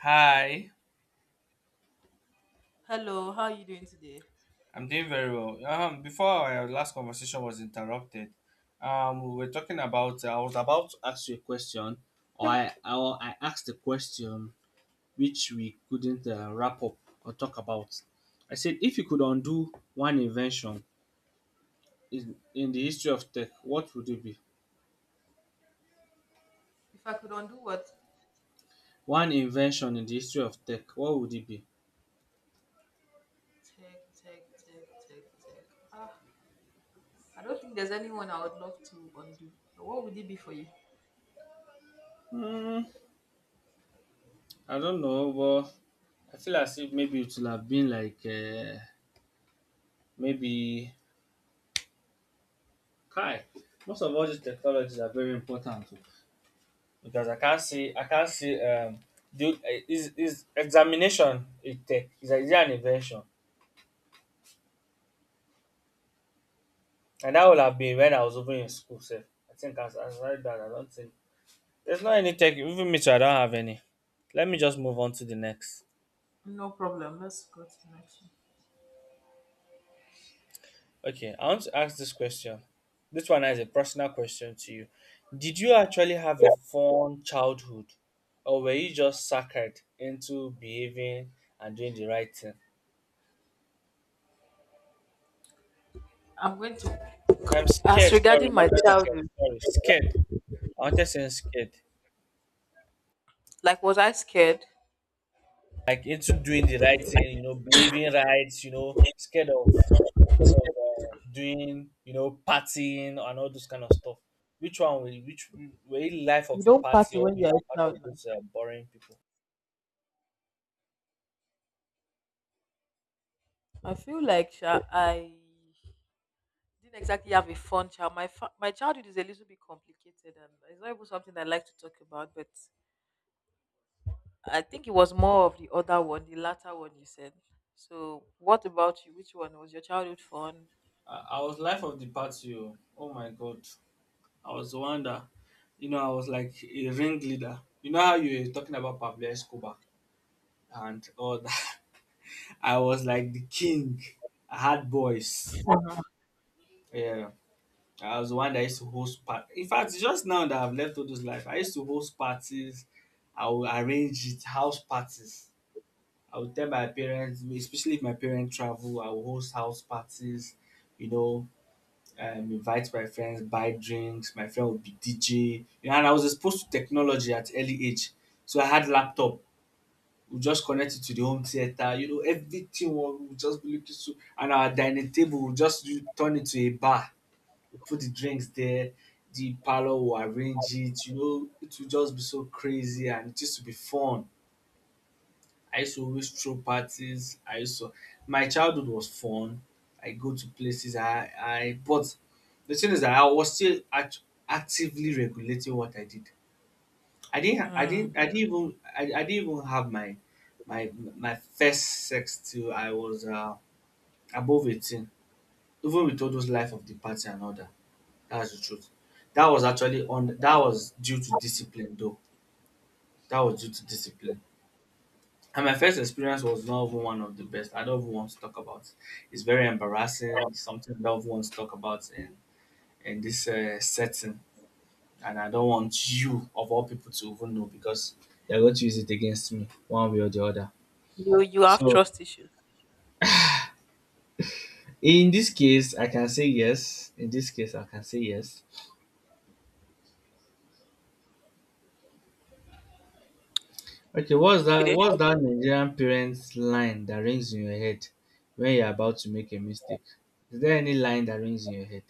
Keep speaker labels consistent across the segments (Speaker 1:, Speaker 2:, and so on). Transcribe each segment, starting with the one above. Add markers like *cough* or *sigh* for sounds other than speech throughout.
Speaker 1: Hi,
Speaker 2: Hello, how are you doing today?
Speaker 1: I'm doing very well. Before our last conversation was interrupted, we were talking about. I was about to ask you a question, or I asked a question which we couldn't wrap up or talk about. I said, if you could undo one invention in the history of tech, what would it be?
Speaker 2: If I could undo what?
Speaker 1: One invention in the history of tech, what would it be?
Speaker 2: Tech, tech, tech, tech, tech. Ah, I don't think there's anyone I would love to undo. But what would it be for you?
Speaker 1: Hmm, I don't know, but I feel as if maybe it would have been like maybe Kai, most of all these technologies are very important oh, because I can't see do eh, is examination a tech is it an invention? And that would have been when I was even in school sef. I think as right that I don't think there's not any tech even me too I don't have any. Let me just move on to the next.
Speaker 2: No problem. Let's go to the next one.
Speaker 1: Okay, I want to ask this question. This one is a personal question to you. Did you actually have a fun childhood or were you just suckered into behaving and doing the right thing?
Speaker 2: I'm going to.
Speaker 1: I'm
Speaker 2: As
Speaker 1: scared, sorry,
Speaker 2: regarding my
Speaker 1: not scared,
Speaker 2: childhood,
Speaker 1: sorry, scared. I wanted to say scared.
Speaker 2: like, was I scared?
Speaker 1: Like into doing the right thing, you know, believing right, you know, scared of doing, you know, partying and all those kind of stuff. Which one will which Were you life of
Speaker 2: You
Speaker 1: the
Speaker 2: don't
Speaker 1: party
Speaker 2: party
Speaker 1: or were
Speaker 2: when you're
Speaker 1: you
Speaker 2: a
Speaker 1: part
Speaker 2: child
Speaker 1: of
Speaker 2: now.
Speaker 1: those boring people?
Speaker 2: I feel like sha, I didn't exactly have a fun child. My childhood is a little bit complicated, and it's not even something I like to talk about, but. I think it was more of the other one, the latter one you said. So, what about you? Which one was your childhood fun?
Speaker 1: I was life of the party. Oh, oh my god. I was the one that you know, I was like a ringleader. You know how you were talking about Pablo Escobar and all that. *laughs* I was like the king. I had boys. Yeah. I was the one that used to host parties. In fact, it's just now that I've left all those life, I used to host parties. I would arrange it, house parties. I would tell my parents, especially if my parents travel, I would host house parties, you know, invite my friends, buy drinks. My friend would be DJ. You know, and I was exposed to technology at early age. So I had laptop. We'll just connect it to the home theater, you know, everything will just be looking so and our dining table turn it to a bar. We put the drinks there, the parlour will arrange it, you know, it will just be so crazy and it used to be fun. I used to always throw parties. I used to My childhood was fun. I go to places I But the thing is that I was still act- actively regulating what I did. I didn't. Ha- I
Speaker 2: Mm.
Speaker 1: didn't. I didn't even. I didn't even have my my first sex till I was above 18. Even with all those life of the party and all that. That's the truth. That was actually on. That was due to discipline, though. That was due to discipline. And my first experience was not even one of the best. I don't even want to talk about. It's very embarrassing. It's something I don't even want to talk about in this setting. And I don't want you of all people to even know because they're going to use it against me one way or the other.
Speaker 2: You have
Speaker 1: So
Speaker 2: trust issues.
Speaker 1: in this case, I can say yes. In this case, I can say yes. Okay, what's that?
Speaker 2: Okay.
Speaker 1: What's that Nigerian parents line that rings in your head when you're about to make a mistake? Is there any line that rings in your head?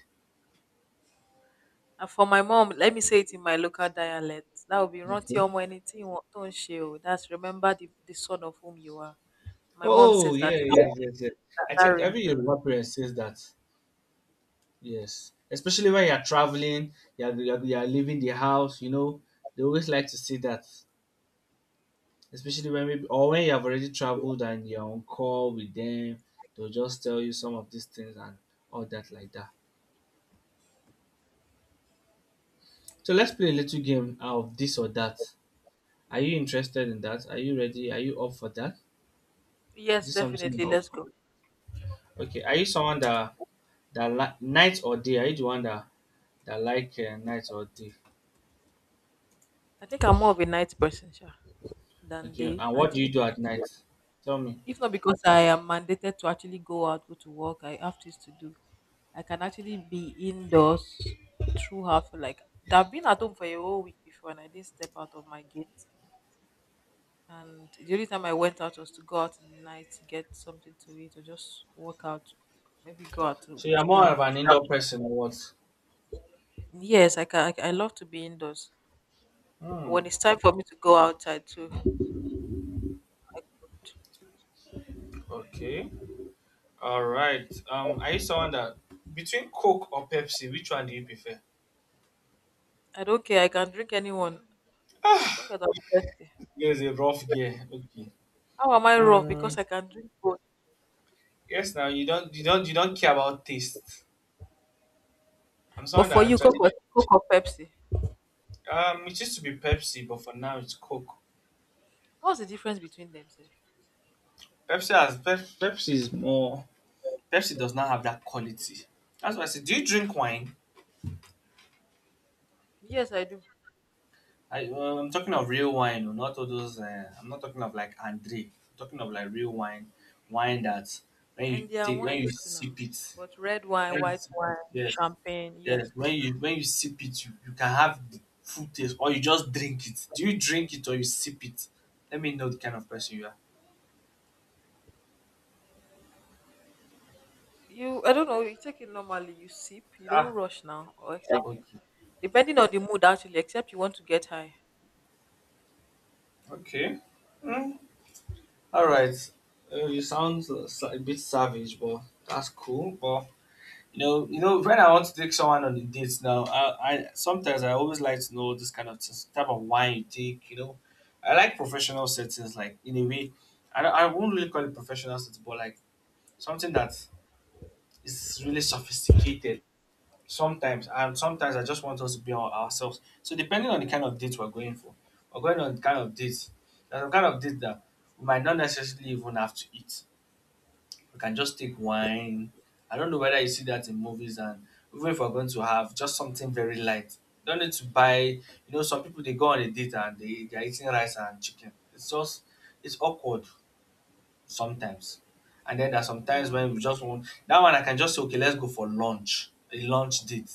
Speaker 2: And for my mom, let me say it in my local dialect. That would be rántí
Speaker 1: Okay.
Speaker 2: ọmọ ẹni tí ìwọ̀n tó ń ṣe o. That's remember the son of whom you are. My mom
Speaker 1: Oh
Speaker 2: says
Speaker 1: yeah,
Speaker 2: that a
Speaker 1: yes,
Speaker 2: lot.
Speaker 1: yes, yes. I
Speaker 2: That,
Speaker 1: think
Speaker 2: rings
Speaker 1: every
Speaker 2: a lot.
Speaker 1: Yoruba parent says that. Yes, especially when you're traveling, you're leaving the house. You know, they always like to say that. Especially when maybe or when you have already traveled and you're on call with them, they'll just tell you some of these things and all that like that. So let's play a little game of this or that. Are you interested in that? Are you ready? Are you up for that? Is
Speaker 2: Yes,
Speaker 1: this something
Speaker 2: definitely.
Speaker 1: you're up
Speaker 2: Let's
Speaker 1: for?
Speaker 2: go.
Speaker 1: Okay. Are you someone that that like night or day? Are you the one that night or day?
Speaker 2: I think I'm more of a night person sha, than
Speaker 1: Okay.
Speaker 2: day.
Speaker 1: And
Speaker 2: I
Speaker 1: what do you
Speaker 2: actually—
Speaker 1: do at night? Tell me.
Speaker 2: If not because I am mandated to actually go out, go to work, I have things to do. I can actually be indoors throughout. For Like I've been at home for a whole week before, and I didn't step out of my gate. And the only time I went out was to go out in the night to get something to eat or just walk out, maybe go out to
Speaker 1: So you're
Speaker 2: chill
Speaker 1: more of
Speaker 2: out.
Speaker 1: an
Speaker 2: And
Speaker 1: indoor person or what?
Speaker 2: yes, I can. I love to be indoors.
Speaker 1: Hmm.
Speaker 2: When it's time for me to go outside too, I could.
Speaker 1: Okay. All right. Are you someone that between Coke or Pepsi, which one do you prefer? *sighs*
Speaker 2: I don't care. I can drink anyone as long
Speaker 1: Ah,
Speaker 2: as I'm thirsty.
Speaker 1: there's a rough gear. Okay.
Speaker 2: How am I rough
Speaker 1: Mm,
Speaker 2: because I can drink both?
Speaker 1: yes. Now you don't care about taste. I'm
Speaker 2: But
Speaker 1: someone
Speaker 2: for
Speaker 1: that
Speaker 2: you,
Speaker 1: actually
Speaker 2: Coke or Pepsi?
Speaker 1: it used to be Pepsi, but for now it's Coke.
Speaker 2: What's the difference between themselves?
Speaker 1: Pepsi has Pep- Pepsi is more. Pepsi does not have that quality. That's why I said. Do you drink wine?
Speaker 2: Yes, I do.
Speaker 1: I I'm talking of real wine, oh, not all those. I'm not talking of like Andre. I'm talking of like real wine, wine that
Speaker 2: And there are
Speaker 1: when you
Speaker 2: wines too now.
Speaker 1: sip it.
Speaker 2: But red wine, white
Speaker 1: Ex
Speaker 2: wine,
Speaker 1: Yes,
Speaker 2: champagne, yes.
Speaker 1: yes. When you sip it, you can have the full taste, or you just drink it. Do you drink it or you sip it? Let me know the kind of person you are.
Speaker 2: You— I don't know, you take it normally, you sip, you don't
Speaker 1: Ah,
Speaker 2: rush now. Or except
Speaker 1: okay,
Speaker 2: depending on the mood actually, except you want to get high.
Speaker 1: okay. Mm, all right. A bit savage, but that's cool. But you know, when I want to take someone on a date now, I always like to know this kind of type of wine you take. You know, I like professional settings, like in a way. I won't really call it professional settings, but like something that it's really sophisticated sometimes and sometimes I just want us to be on ourselves so depending on the kind of date we're going for we're going on the kind of date there's a kind of date that we might not necessarily even have to eat. We can just take wine. I don't know whether you see that in movies and even if we're going to have just something very light. Don't need to buy You know, some people they go on a date and they're eating rice and chicken. It's just it's awkward sometimes. And then there are some times
Speaker 2: Mm.
Speaker 1: when we just want that one. I can just say, okay, let's go for lunch, a lunch date.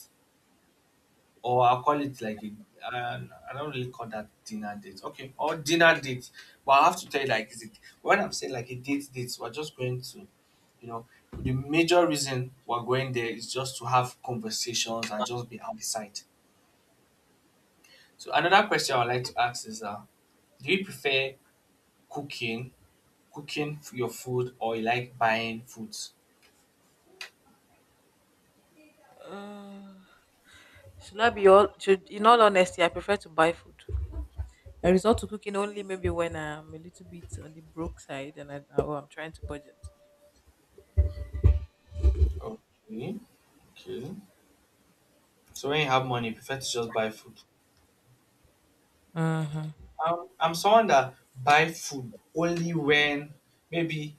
Speaker 1: Or I'll call it like a uh, I don't really call that dinner date. Okay, or dinner date. But I have to tell you like is it when I'm saying like a date date, we're just going to you know the major reason we're going there is just to have conversations and just be outside. So another question I'd like to ask is do you prefer cooking cooking your food or you like buying foods?
Speaker 2: Uh, should— In all honesty I prefer to buy food. I resort to cooking only maybe when I'm a little bit on the broke side and I'm trying to budget.
Speaker 1: Okay. Okay. So when you have money, you prefer to just buy food.
Speaker 2: Mm-hmm.
Speaker 1: I'm someone that buy food only when maybe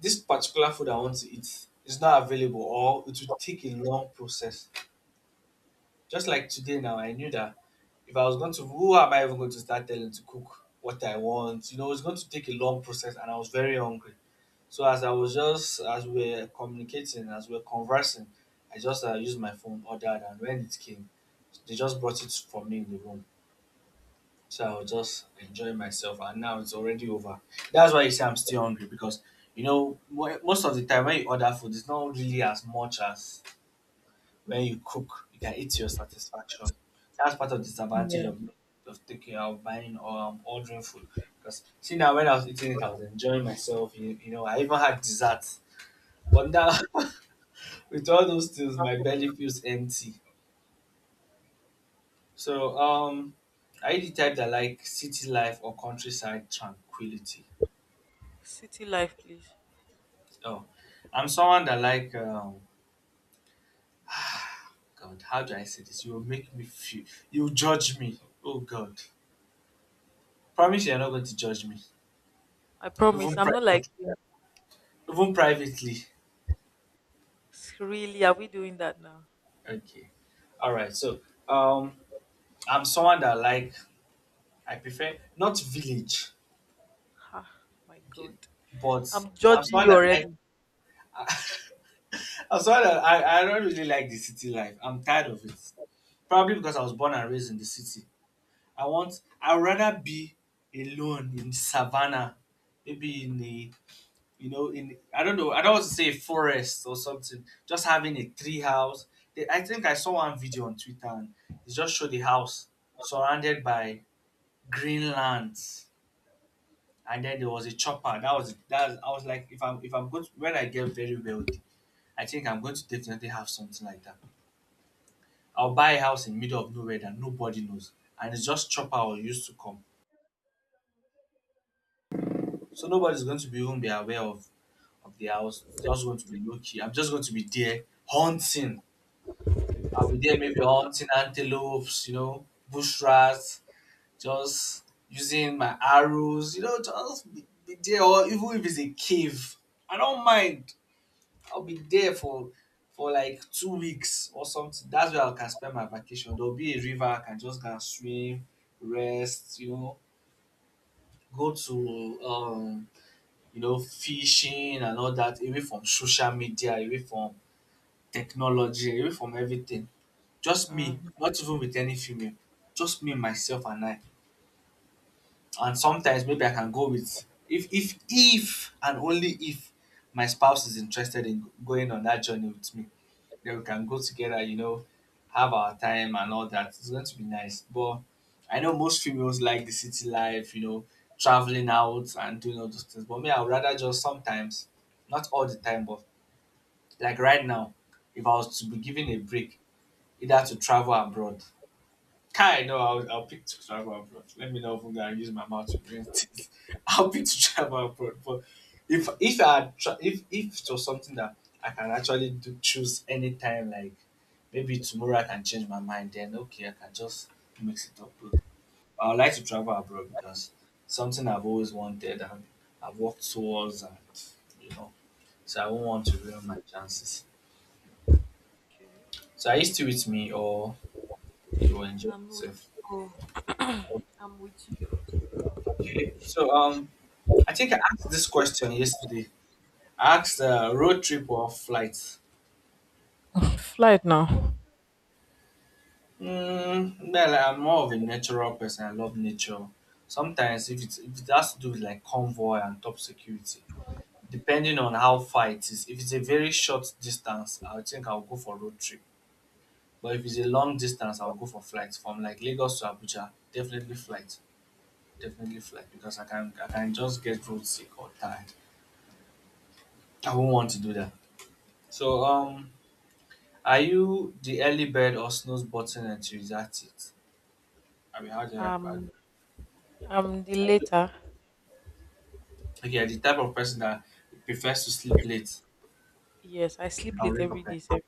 Speaker 1: this particular food I want to eat is not available or it will take a long process. Just like today now, I knew that if I was going to, who am I even going to start telling to cook what I want? You know, it's going to take a long process and I was very hungry. So as I was just, as we're communicating, as we're conversing, I just used my phone, ordered and when it came, they just brought it for me in the room. So I will just enjoy myself, and now it's already over. That's why you say I'm still hungry because you know most of the time when you order food, it's not really as much as when you cook. You can eat to your satisfaction. That's part of the disadvantage
Speaker 2: Yeah.
Speaker 1: of taking out buying or ordering food. Because see now when I was eating it, I was enjoying myself. You know, I even had dessert. But now *laughs* with all those things, my belly feels empty. So are you the type that like city life or countryside tranquility?
Speaker 2: City life, please.
Speaker 1: Oh, I'm someone that like God. How do I say this? You will make me feel. You will judge me. Oh God, promise you're not going to judge me,
Speaker 2: I promise.
Speaker 1: even
Speaker 2: I'm not
Speaker 1: privately.
Speaker 2: like you.
Speaker 1: Even privately.
Speaker 2: S- Really, are we doing that now?
Speaker 1: Okay. All right. So um, I'm someone that like I prefer not village,
Speaker 2: Ah, my
Speaker 1: okay,
Speaker 2: God.
Speaker 1: but
Speaker 2: I'm
Speaker 1: I'm
Speaker 2: judging
Speaker 1: someone
Speaker 2: you
Speaker 1: that like.
Speaker 2: already.
Speaker 1: *laughs* I'm someone that I don't really like the city life. I'm tired of it. Probably because I was born and raised in the city. I'd rather be alone in savannah, maybe in a you know in I don't know I don't want to say a forest or something. Just having a tree house. They, I think I saw one video on Twitter and it just showed the house surrounded by green lands, and then there was a chopper. That was that. I was like, if I'm going to, when I get very wealthy, I think I'm going to definitely have something like that. I'll buy a house in middle of nowhere that nobody knows, and it's just chopper or used to come. So nobody's going to be even be aware of the house. It's just going to be low key. I'm just going to be there hunting. I'll be there maybe hunting antelopes, you know, bush rats, just using my arrows, you know, just be there. Or even if it's a cave, I don't mind. I'll be there for like 2 weeks or something. That's where I can spend my vacation. There'll be a river I can just go and swim, rest, you know, go to fishing and all that, away from social media, away from technology, away from everything. Just me,
Speaker 2: Mhm.
Speaker 1: not even with any female. Just me, myself and I. And sometimes maybe I can go with if and only if my spouse is interested in going on that journey with me. That we can go together, you know, have our time and all that. It's going to be nice. But I know most females like the city life, you know, traveling out and doing all those things. But me, I would rather just sometimes, not all the time, but like right now, if I was to be given a break, either to travel abroad. Kai, no, I'll pick to travel abroad. Let me know if I'm gonna use my mouth to bring things. *laughs* I'll pick to travel abroad. But if I had if it was something that I can actually do, choose anytime, like maybe tomorrow I can change my mind, then okay, I can just mix it up. But I would like to travel abroad because something I've always wanted and I've worked towards, and you know, so I won't want to ruin my chances.
Speaker 2: Okay.
Speaker 1: So are you still with me, or you will enjoy
Speaker 2: I'm with
Speaker 1: yourself?
Speaker 2: you. I'm with you.
Speaker 1: Okay, so I think I asked this question yesterday. I asked road trip or flight.
Speaker 2: *laughs* Flight now.
Speaker 1: Mm, well, I'm more of a natural person. I love nature. Sometimes, if it's if it has to do with like convoy and top security, depending on how far it is. If it's a very short distance, I think I'll go for road trip. But if it's a long distance, I'll go for flight. From like Lagos to Abuja, definitely flight. Definitely flight because I can just get road sick or tired. I won't want to do that. So are you the early bird or snooze button enthusiast? At it? I mean, how do I?
Speaker 2: Um, I'm the
Speaker 1: How do-
Speaker 2: later.
Speaker 1: Okay, the type of person that prefers to sleep late
Speaker 2: Yes, I sleep
Speaker 1: and
Speaker 2: late
Speaker 1: wake up
Speaker 2: every
Speaker 1: early.
Speaker 2: day. Sir.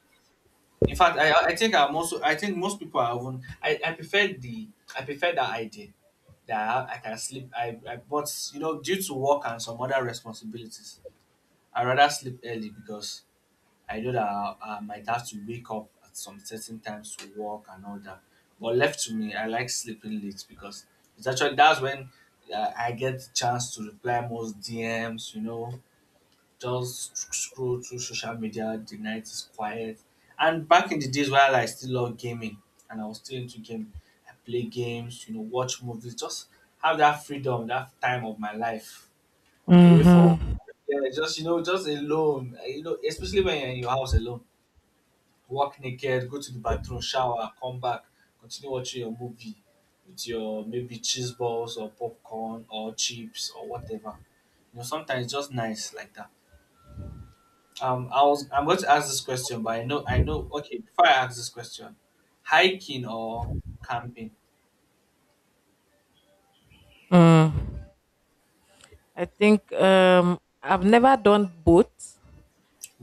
Speaker 1: In fact, I think I'm also I think most people are even I prefer the I prefer that idea that I can sleep I but you know due to work and some other responsibilities I rather sleep early because I know that I might have to wake up at some certain times to work and all that. But left to me, I like sleeping late because it's actually that's when I get the chance to reply most DMs. You know, just scroll through social media. The night is quiet. And back in the days while I still love gaming and I was still into gaming, I play games. You know, watch movies. Just have that freedom, that time of my life away from
Speaker 2: Mm-hmm.
Speaker 1: yeah, just you know, just alone. You know, especially when you're in your house alone, walk naked, go to the bathroom, shower, come back, continue watching your movie with your maybe cheese balls or popcorn or chips or whatever. You know, sometimes it's just nice like that. I'm going to ask this question, but I know. Okay, before I ask this question, hiking or camping?
Speaker 2: Mm. I think I've never done both.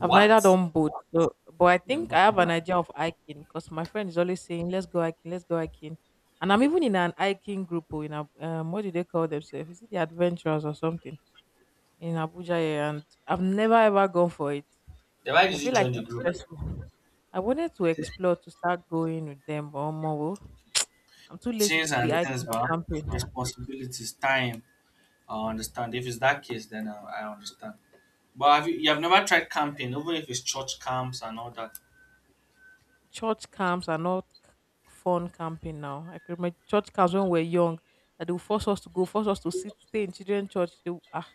Speaker 2: I've neither done both, so, but
Speaker 1: I
Speaker 2: I
Speaker 1: think
Speaker 2: think
Speaker 1: number
Speaker 2: I have
Speaker 1: two,
Speaker 2: an
Speaker 1: right?
Speaker 2: idea of hiking because my friend is always saying, let's go hiking," and I'm even in an hiking group or in a what do they call themselves? Is it the adventurers or something in Abuja here, and I've never ever gone for it.
Speaker 1: Then why
Speaker 2: I
Speaker 1: did you
Speaker 2: feel like
Speaker 1: join the
Speaker 2: it's
Speaker 1: group?
Speaker 2: stressful. I wanted to explore to start going with them, but more, I'm too lazy
Speaker 1: Things
Speaker 2: to be
Speaker 1: and things,
Speaker 2: hiking or
Speaker 1: but
Speaker 2: camping.
Speaker 1: responsibilities, time. I understand. If it's that case, then I understand. But have you have never tried camping, even if it's church camps and all that?
Speaker 2: Church camps are not c- Fun camping now. I can remember church camps when we were young that they will force us to go, force us to sit, stay in children's church. They will, ah,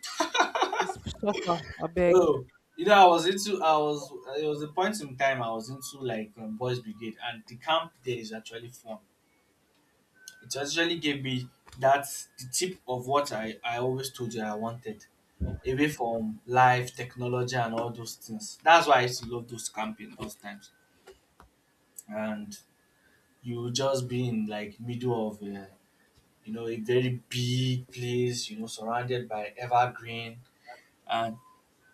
Speaker 2: it's suffer, I beg.
Speaker 1: Oh, you know, I was it was a point in time I was into like boys brigade, and the camp there is actually fun. It actually gave me that the tip of what I always told you I wanted, away from life, technology, and all those things. That's why I used to love those camping those times, and you just be in like middle of. You know, a very big place, you know, surrounded by evergreen and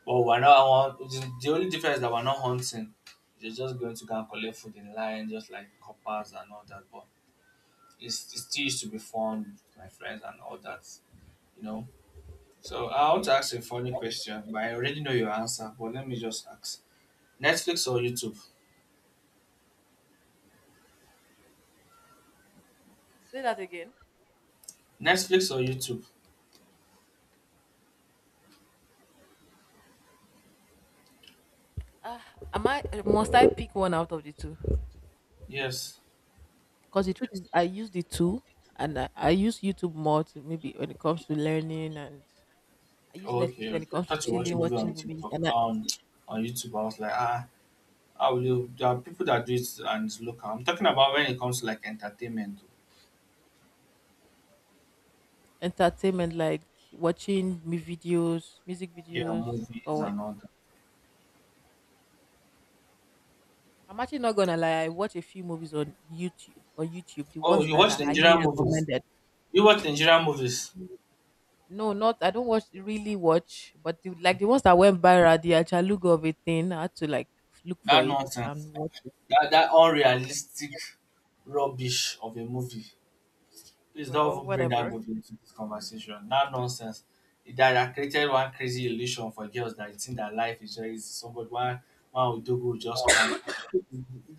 Speaker 1: but we're not the only difference is that we're not hunting. You're just going to go and collect food in line, just like coppers and all that. But it still used to be fun with my friends and all that, you know. So I want
Speaker 2: Yeah.
Speaker 1: to ask a funny question, but I already know your answer. But let me just ask: Netflix or YouTube?
Speaker 2: Say that again.
Speaker 1: Netflix or YouTube?
Speaker 2: Ah, am I— must I pick one out of the two?
Speaker 1: Yes.
Speaker 2: Because the truth is I use the two, and I use YouTube more to— maybe when it comes to learning. And I use Netflix
Speaker 1: Okay,
Speaker 2: when it
Speaker 1: okay. I
Speaker 2: comes to
Speaker 1: thought you watch
Speaker 2: chilling,
Speaker 1: movie
Speaker 2: watching
Speaker 1: on
Speaker 2: movies,
Speaker 1: TikTok.
Speaker 2: and I—
Speaker 1: On YouTube, I was like, ah, how will you? There are people that do it and it's local. I'm talking about when it comes to like entertainment.
Speaker 2: entertainment like watching me videos, music
Speaker 1: Yeah,
Speaker 2: videos,
Speaker 1: movies
Speaker 2: or—
Speaker 1: and all.
Speaker 2: I'm actually not gonna lie. I watch a few movies on YouTube— on YouTube, the
Speaker 1: Oh,
Speaker 2: ones
Speaker 1: you
Speaker 2: that
Speaker 1: watch
Speaker 2: are highly
Speaker 1: Nigerian movies.
Speaker 2: recommended.
Speaker 1: You watch Nigerian movies.
Speaker 2: No, not— I don't watch— really watch, but the— like the
Speaker 1: Okay.
Speaker 2: ones that went viral, the Achalugo of a thing, I had to like look for
Speaker 1: That
Speaker 2: it
Speaker 1: nonsense.
Speaker 2: and watch.
Speaker 1: That unrealistic rubbish of a movie. Please don't
Speaker 2: Well,
Speaker 1: even bring that
Speaker 2: whatever,
Speaker 1: movie into this conversation. That nonsense. It That created one crazy illusion for girls that they think that life is very easy. Somebody one one will do will just come.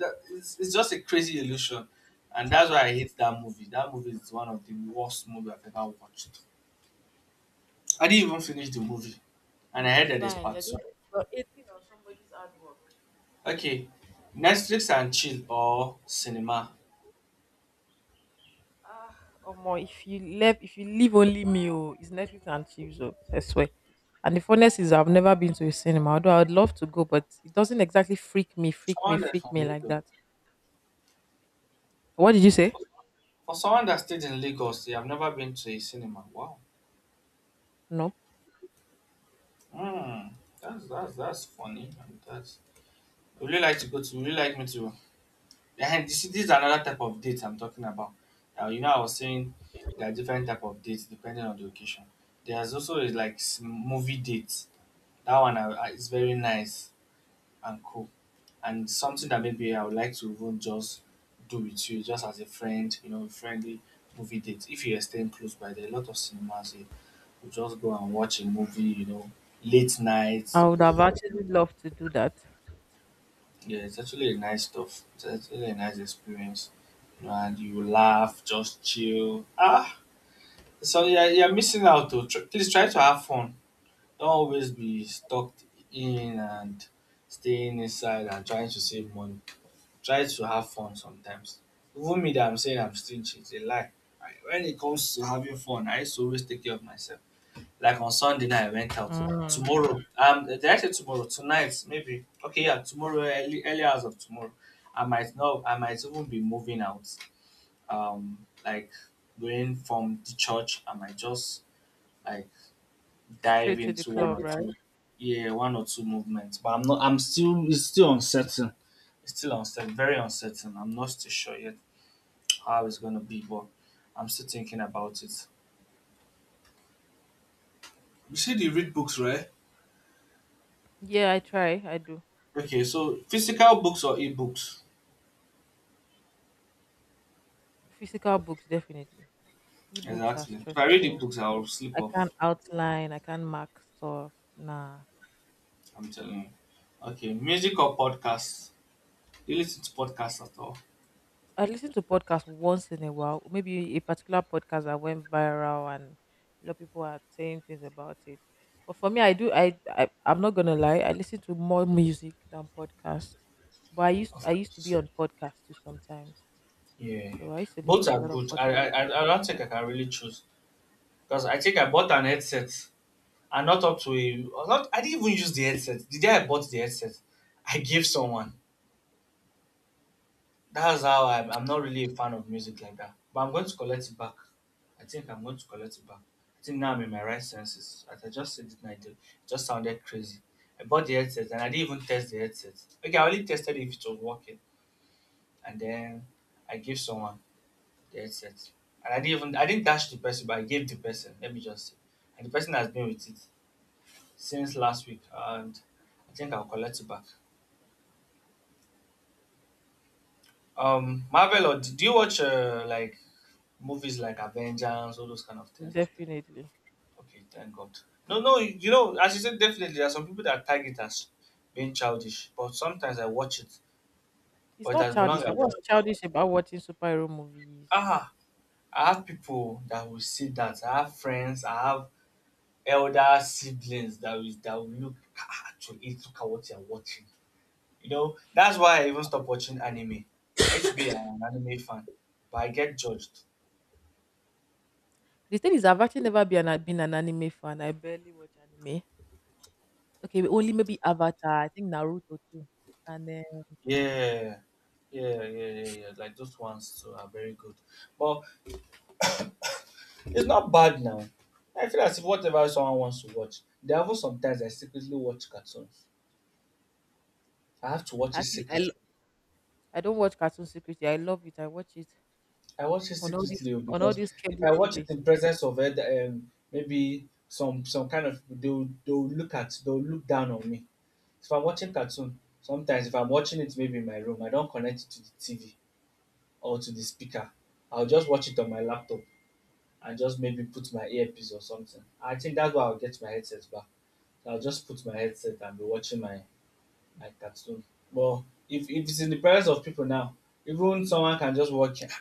Speaker 1: That- it's just a crazy illusion. And that's why I hate that movie. That movie is one of the worst movie I've ever watched. I didn't even finish the movie. And
Speaker 2: you'll
Speaker 1: I
Speaker 2: be
Speaker 1: heard that there's
Speaker 2: fine.
Speaker 1: part two.
Speaker 2: You're eating on somebody's hard work.
Speaker 1: Okay, Netflix and chill or cinema.
Speaker 2: Ah, Omo, if you leave only me, oh, it's Netflix and chips, oh, I swear. And the funness is, I've never been to a cinema, although I would love to go, but it doesn't exactly
Speaker 1: Someone that's
Speaker 2: freak
Speaker 1: from
Speaker 2: me like
Speaker 1: Lagos.
Speaker 2: that. What did you say?
Speaker 1: For someone that stayed in Lagos, they have never been to a cinema. Wow.
Speaker 2: Nope.
Speaker 1: Hmm. That's funny. And that's. Would you really like to go to? Would you really like me to? And this is another type of date I'm talking about. Now you know I was saying there are different type of dates depending on the occasion. There's also a, like movie dates. That one is very nice. And co. And something that maybe I would like to even just do with you, just as a friend, you know, friendly movie date. If you are staying close by, there are a lot of cinemas here. We just go and watch a movie, you know, late night.
Speaker 2: I would have actually loved to do that.
Speaker 1: Yeah, it's actually a nice stuff. It's actually a nice experience. You know, and you laugh, just chill. Ah, so yeah, you're missing out. To please try to have fun. Don't always be stuck in and staying inside and trying to save money. Try to have fun sometimes. Even me that I'm saying I'm stingy, it's a lie. When it comes to having fun, I used to always take care of myself. Like on Sunday night, I went out.
Speaker 2: Mm,
Speaker 1: Tomorrow, did I say tomorrow? Tonight, maybe. Okay, yeah, tomorrow, early, early hours of tomorrow, I might not. I might even be moving out. Like going from the church, I might just like dive
Speaker 2: straight to the
Speaker 1: into one
Speaker 2: club,
Speaker 1: or
Speaker 2: right?
Speaker 1: two, yeah, one or two movements. But I'm not. I'm still. It's still uncertain. It's still uncertain. Very uncertain. I'm not still sure yet how it's gonna be, but I'm still thinking about it. You said you read books, right?
Speaker 2: Yeah, I try. I do.
Speaker 1: Okay, so physical books or e-books?
Speaker 2: Physical books, definitely. Ebooks are
Speaker 1: Exactly. If I read
Speaker 2: stressful.
Speaker 1: e-books, I'll sleep
Speaker 2: I can't
Speaker 1: off.
Speaker 2: outline. I can't mark stuff. Nah.
Speaker 1: I'm telling you. Okay, music or podcasts? Do you listen to podcasts at all?
Speaker 2: I listen to podcasts once in a while. Maybe a particular podcast that went viral and a lot of people are saying things about it. But for me, I do. I'm not gonna lie. I listen to more music than podcast. But
Speaker 1: Of
Speaker 2: I used to be
Speaker 1: course.
Speaker 2: on podcasts too sometimes.
Speaker 1: Yeah, yeah.
Speaker 2: So I used to
Speaker 1: Both
Speaker 2: listen to
Speaker 1: are
Speaker 2: a lot of
Speaker 1: good. I, I
Speaker 2: podcasts on
Speaker 1: I I don't think I
Speaker 2: Spotify.
Speaker 1: can really choose because I think I bought an headset and not up to a not. I didn't even use the headset. The day I bought the headset, I gave someone. That's how I'm not really a fan of music like that. But I'm going to collect it back. I think I'm going to collect it back. I think now I'm in my right senses. As I just said it and I did, it just sounded crazy. I bought the headset and I didn't even test the headset. Okay, I only tested if it was working. And then I gave someone the headset. And I didn't dash the person, but I gave the person, let me just say. And the person has been with it since last week and I think I'll collect it back. Marvel? Or do you watch like movies like Avengers, all those kind of things like that?
Speaker 2: Definitely.
Speaker 1: Okay, thank God. No, no, you know, as you said, definitely there are some people that tag it as being childish, but sometimes I watch it.
Speaker 2: It's
Speaker 1: But
Speaker 2: not
Speaker 1: as long as
Speaker 2: childish.
Speaker 1: I
Speaker 2: Now,
Speaker 1: watch
Speaker 2: what's
Speaker 1: it,
Speaker 2: childish about watching superhero movies?
Speaker 1: ah, I have people that will see that. I have friends, I have elder siblings that will look, "Ah, ah, actually look at what you're watching." You know, that's why I even stopped watching anime. I used to be an anime fan, but I get judged.
Speaker 2: The thing is, I've actually never been an, been an anime fan. I barely watch anime. Okay, only maybe Avatar. I think Naruto too. And then
Speaker 1: Yeah, yeah, yeah, yeah, yeah. Like those ones too are very good. But it's not bad now. I feel as if whatever someone wants to watch, there are even sometimes I secretly watch cartoons. I have to watch it
Speaker 2: actually,
Speaker 1: secretly.
Speaker 2: I don't watch Cartoon Secretly. I love it. I watch it
Speaker 1: I watch it
Speaker 2: on all this
Speaker 1: secretly oh,
Speaker 2: On all
Speaker 1: because
Speaker 2: this
Speaker 1: if
Speaker 2: cable
Speaker 1: I watch it
Speaker 2: TV.
Speaker 1: in presence of it, maybe some kind of they'll look at they'll look down on me. If I'm watching cartoon, sometimes if I'm watching it maybe in my room, I don't connect it to the TV or to the speaker. I'll just watch it on my laptop, and just maybe put my earpiece or something. I think that's why I'll get my headset back. I'll just put my headset and be watching my cartoon. But if it's in the presence of people now, even someone can just watch it.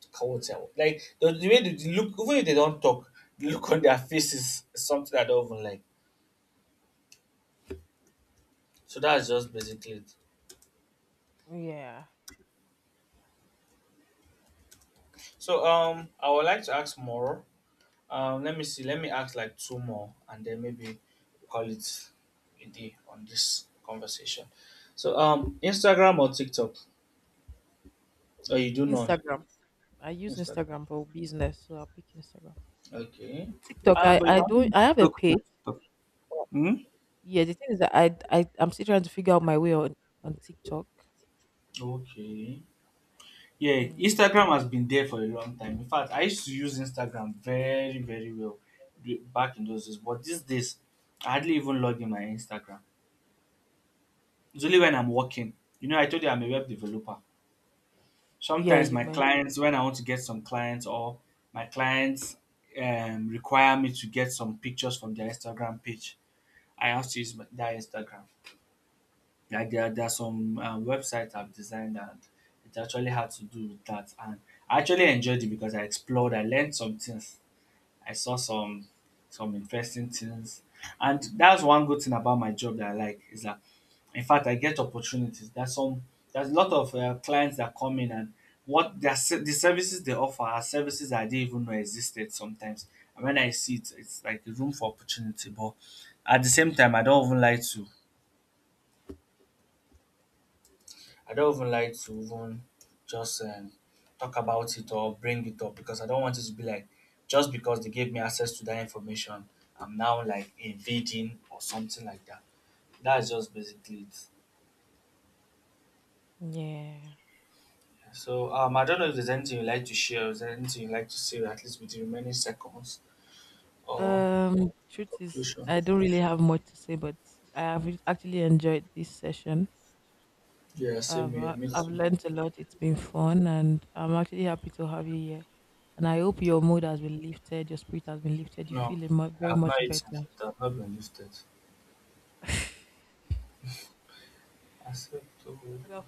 Speaker 1: *tsk* Can't tell. Like the way they look, even if they don't talk, the look on their faces is something I don't even like. So that's just basically it.
Speaker 2: Yeah,
Speaker 1: So I would like to ask more. Let me see. Let me ask like two more, and then maybe call it a day on this conversation. So, Instagram or TikTok? Oh, you do none.
Speaker 2: Instagram. I use
Speaker 1: Instagram.
Speaker 2: Instagram for business, so I'll pick Instagram.
Speaker 1: Okay.
Speaker 2: TikTok.
Speaker 1: But you
Speaker 2: I
Speaker 1: can also
Speaker 2: don't.
Speaker 1: use
Speaker 2: I have a
Speaker 1: TikTok for
Speaker 2: page.
Speaker 1: TikTok. Hmm?
Speaker 2: Yeah, the thing is that I'm still trying to figure out my way on TikTok.
Speaker 1: Okay. Yeah,
Speaker 2: Yeah.
Speaker 1: Instagram has been there for a long time. In fact, I used to use Instagram very, very well back in those days. But these days, I hardly even log in my Instagram. It's only when I'm working. You know, I told you I'm a web developer.
Speaker 2: Yeah,
Speaker 1: Sometimes
Speaker 2: you
Speaker 1: my
Speaker 2: might.
Speaker 1: clients, when I want to get some clients, or my clients require me to get some pictures from their Instagram page, I have to use that Instagram. Like there are some websites I've designed, and it actually had to do with that. And I actually enjoyed it because I explored, I learned some things. I saw some interesting things. And that's one good thing about my job that I like, is that in fact I get opportunities. There's a lot of clients that come in, and the services they offer are services that I didn't even know existed sometimes. And when I see it, it's like a room for opportunity. But at the same time, I don't even like to even just talk about it or bring it up, because I don't want it to be like, just because they gave me access to that information, I'm now like invading or something like that. That's just basically it.
Speaker 2: Yeah.
Speaker 1: Yeah, so I don't know if there's anything you like to share, is there anything you like to say, at least with the remaining seconds or
Speaker 2: Truth is,
Speaker 1: conclusion.
Speaker 2: I don't really have much to say, but I have actually enjoyed this session.
Speaker 1: Yeah, same here. Me
Speaker 2: I've
Speaker 1: too.
Speaker 2: learned a lot. It's been fun, and I'm actually happy to have you here. And I hope your mood has been lifted, your spirit has been lifted. You
Speaker 1: No,
Speaker 2: feel a very
Speaker 1: I've
Speaker 2: much
Speaker 1: not eaten,
Speaker 2: better.
Speaker 1: so it has not been lifted.
Speaker 2: *laughs*
Speaker 1: I said, oh.
Speaker 2: Without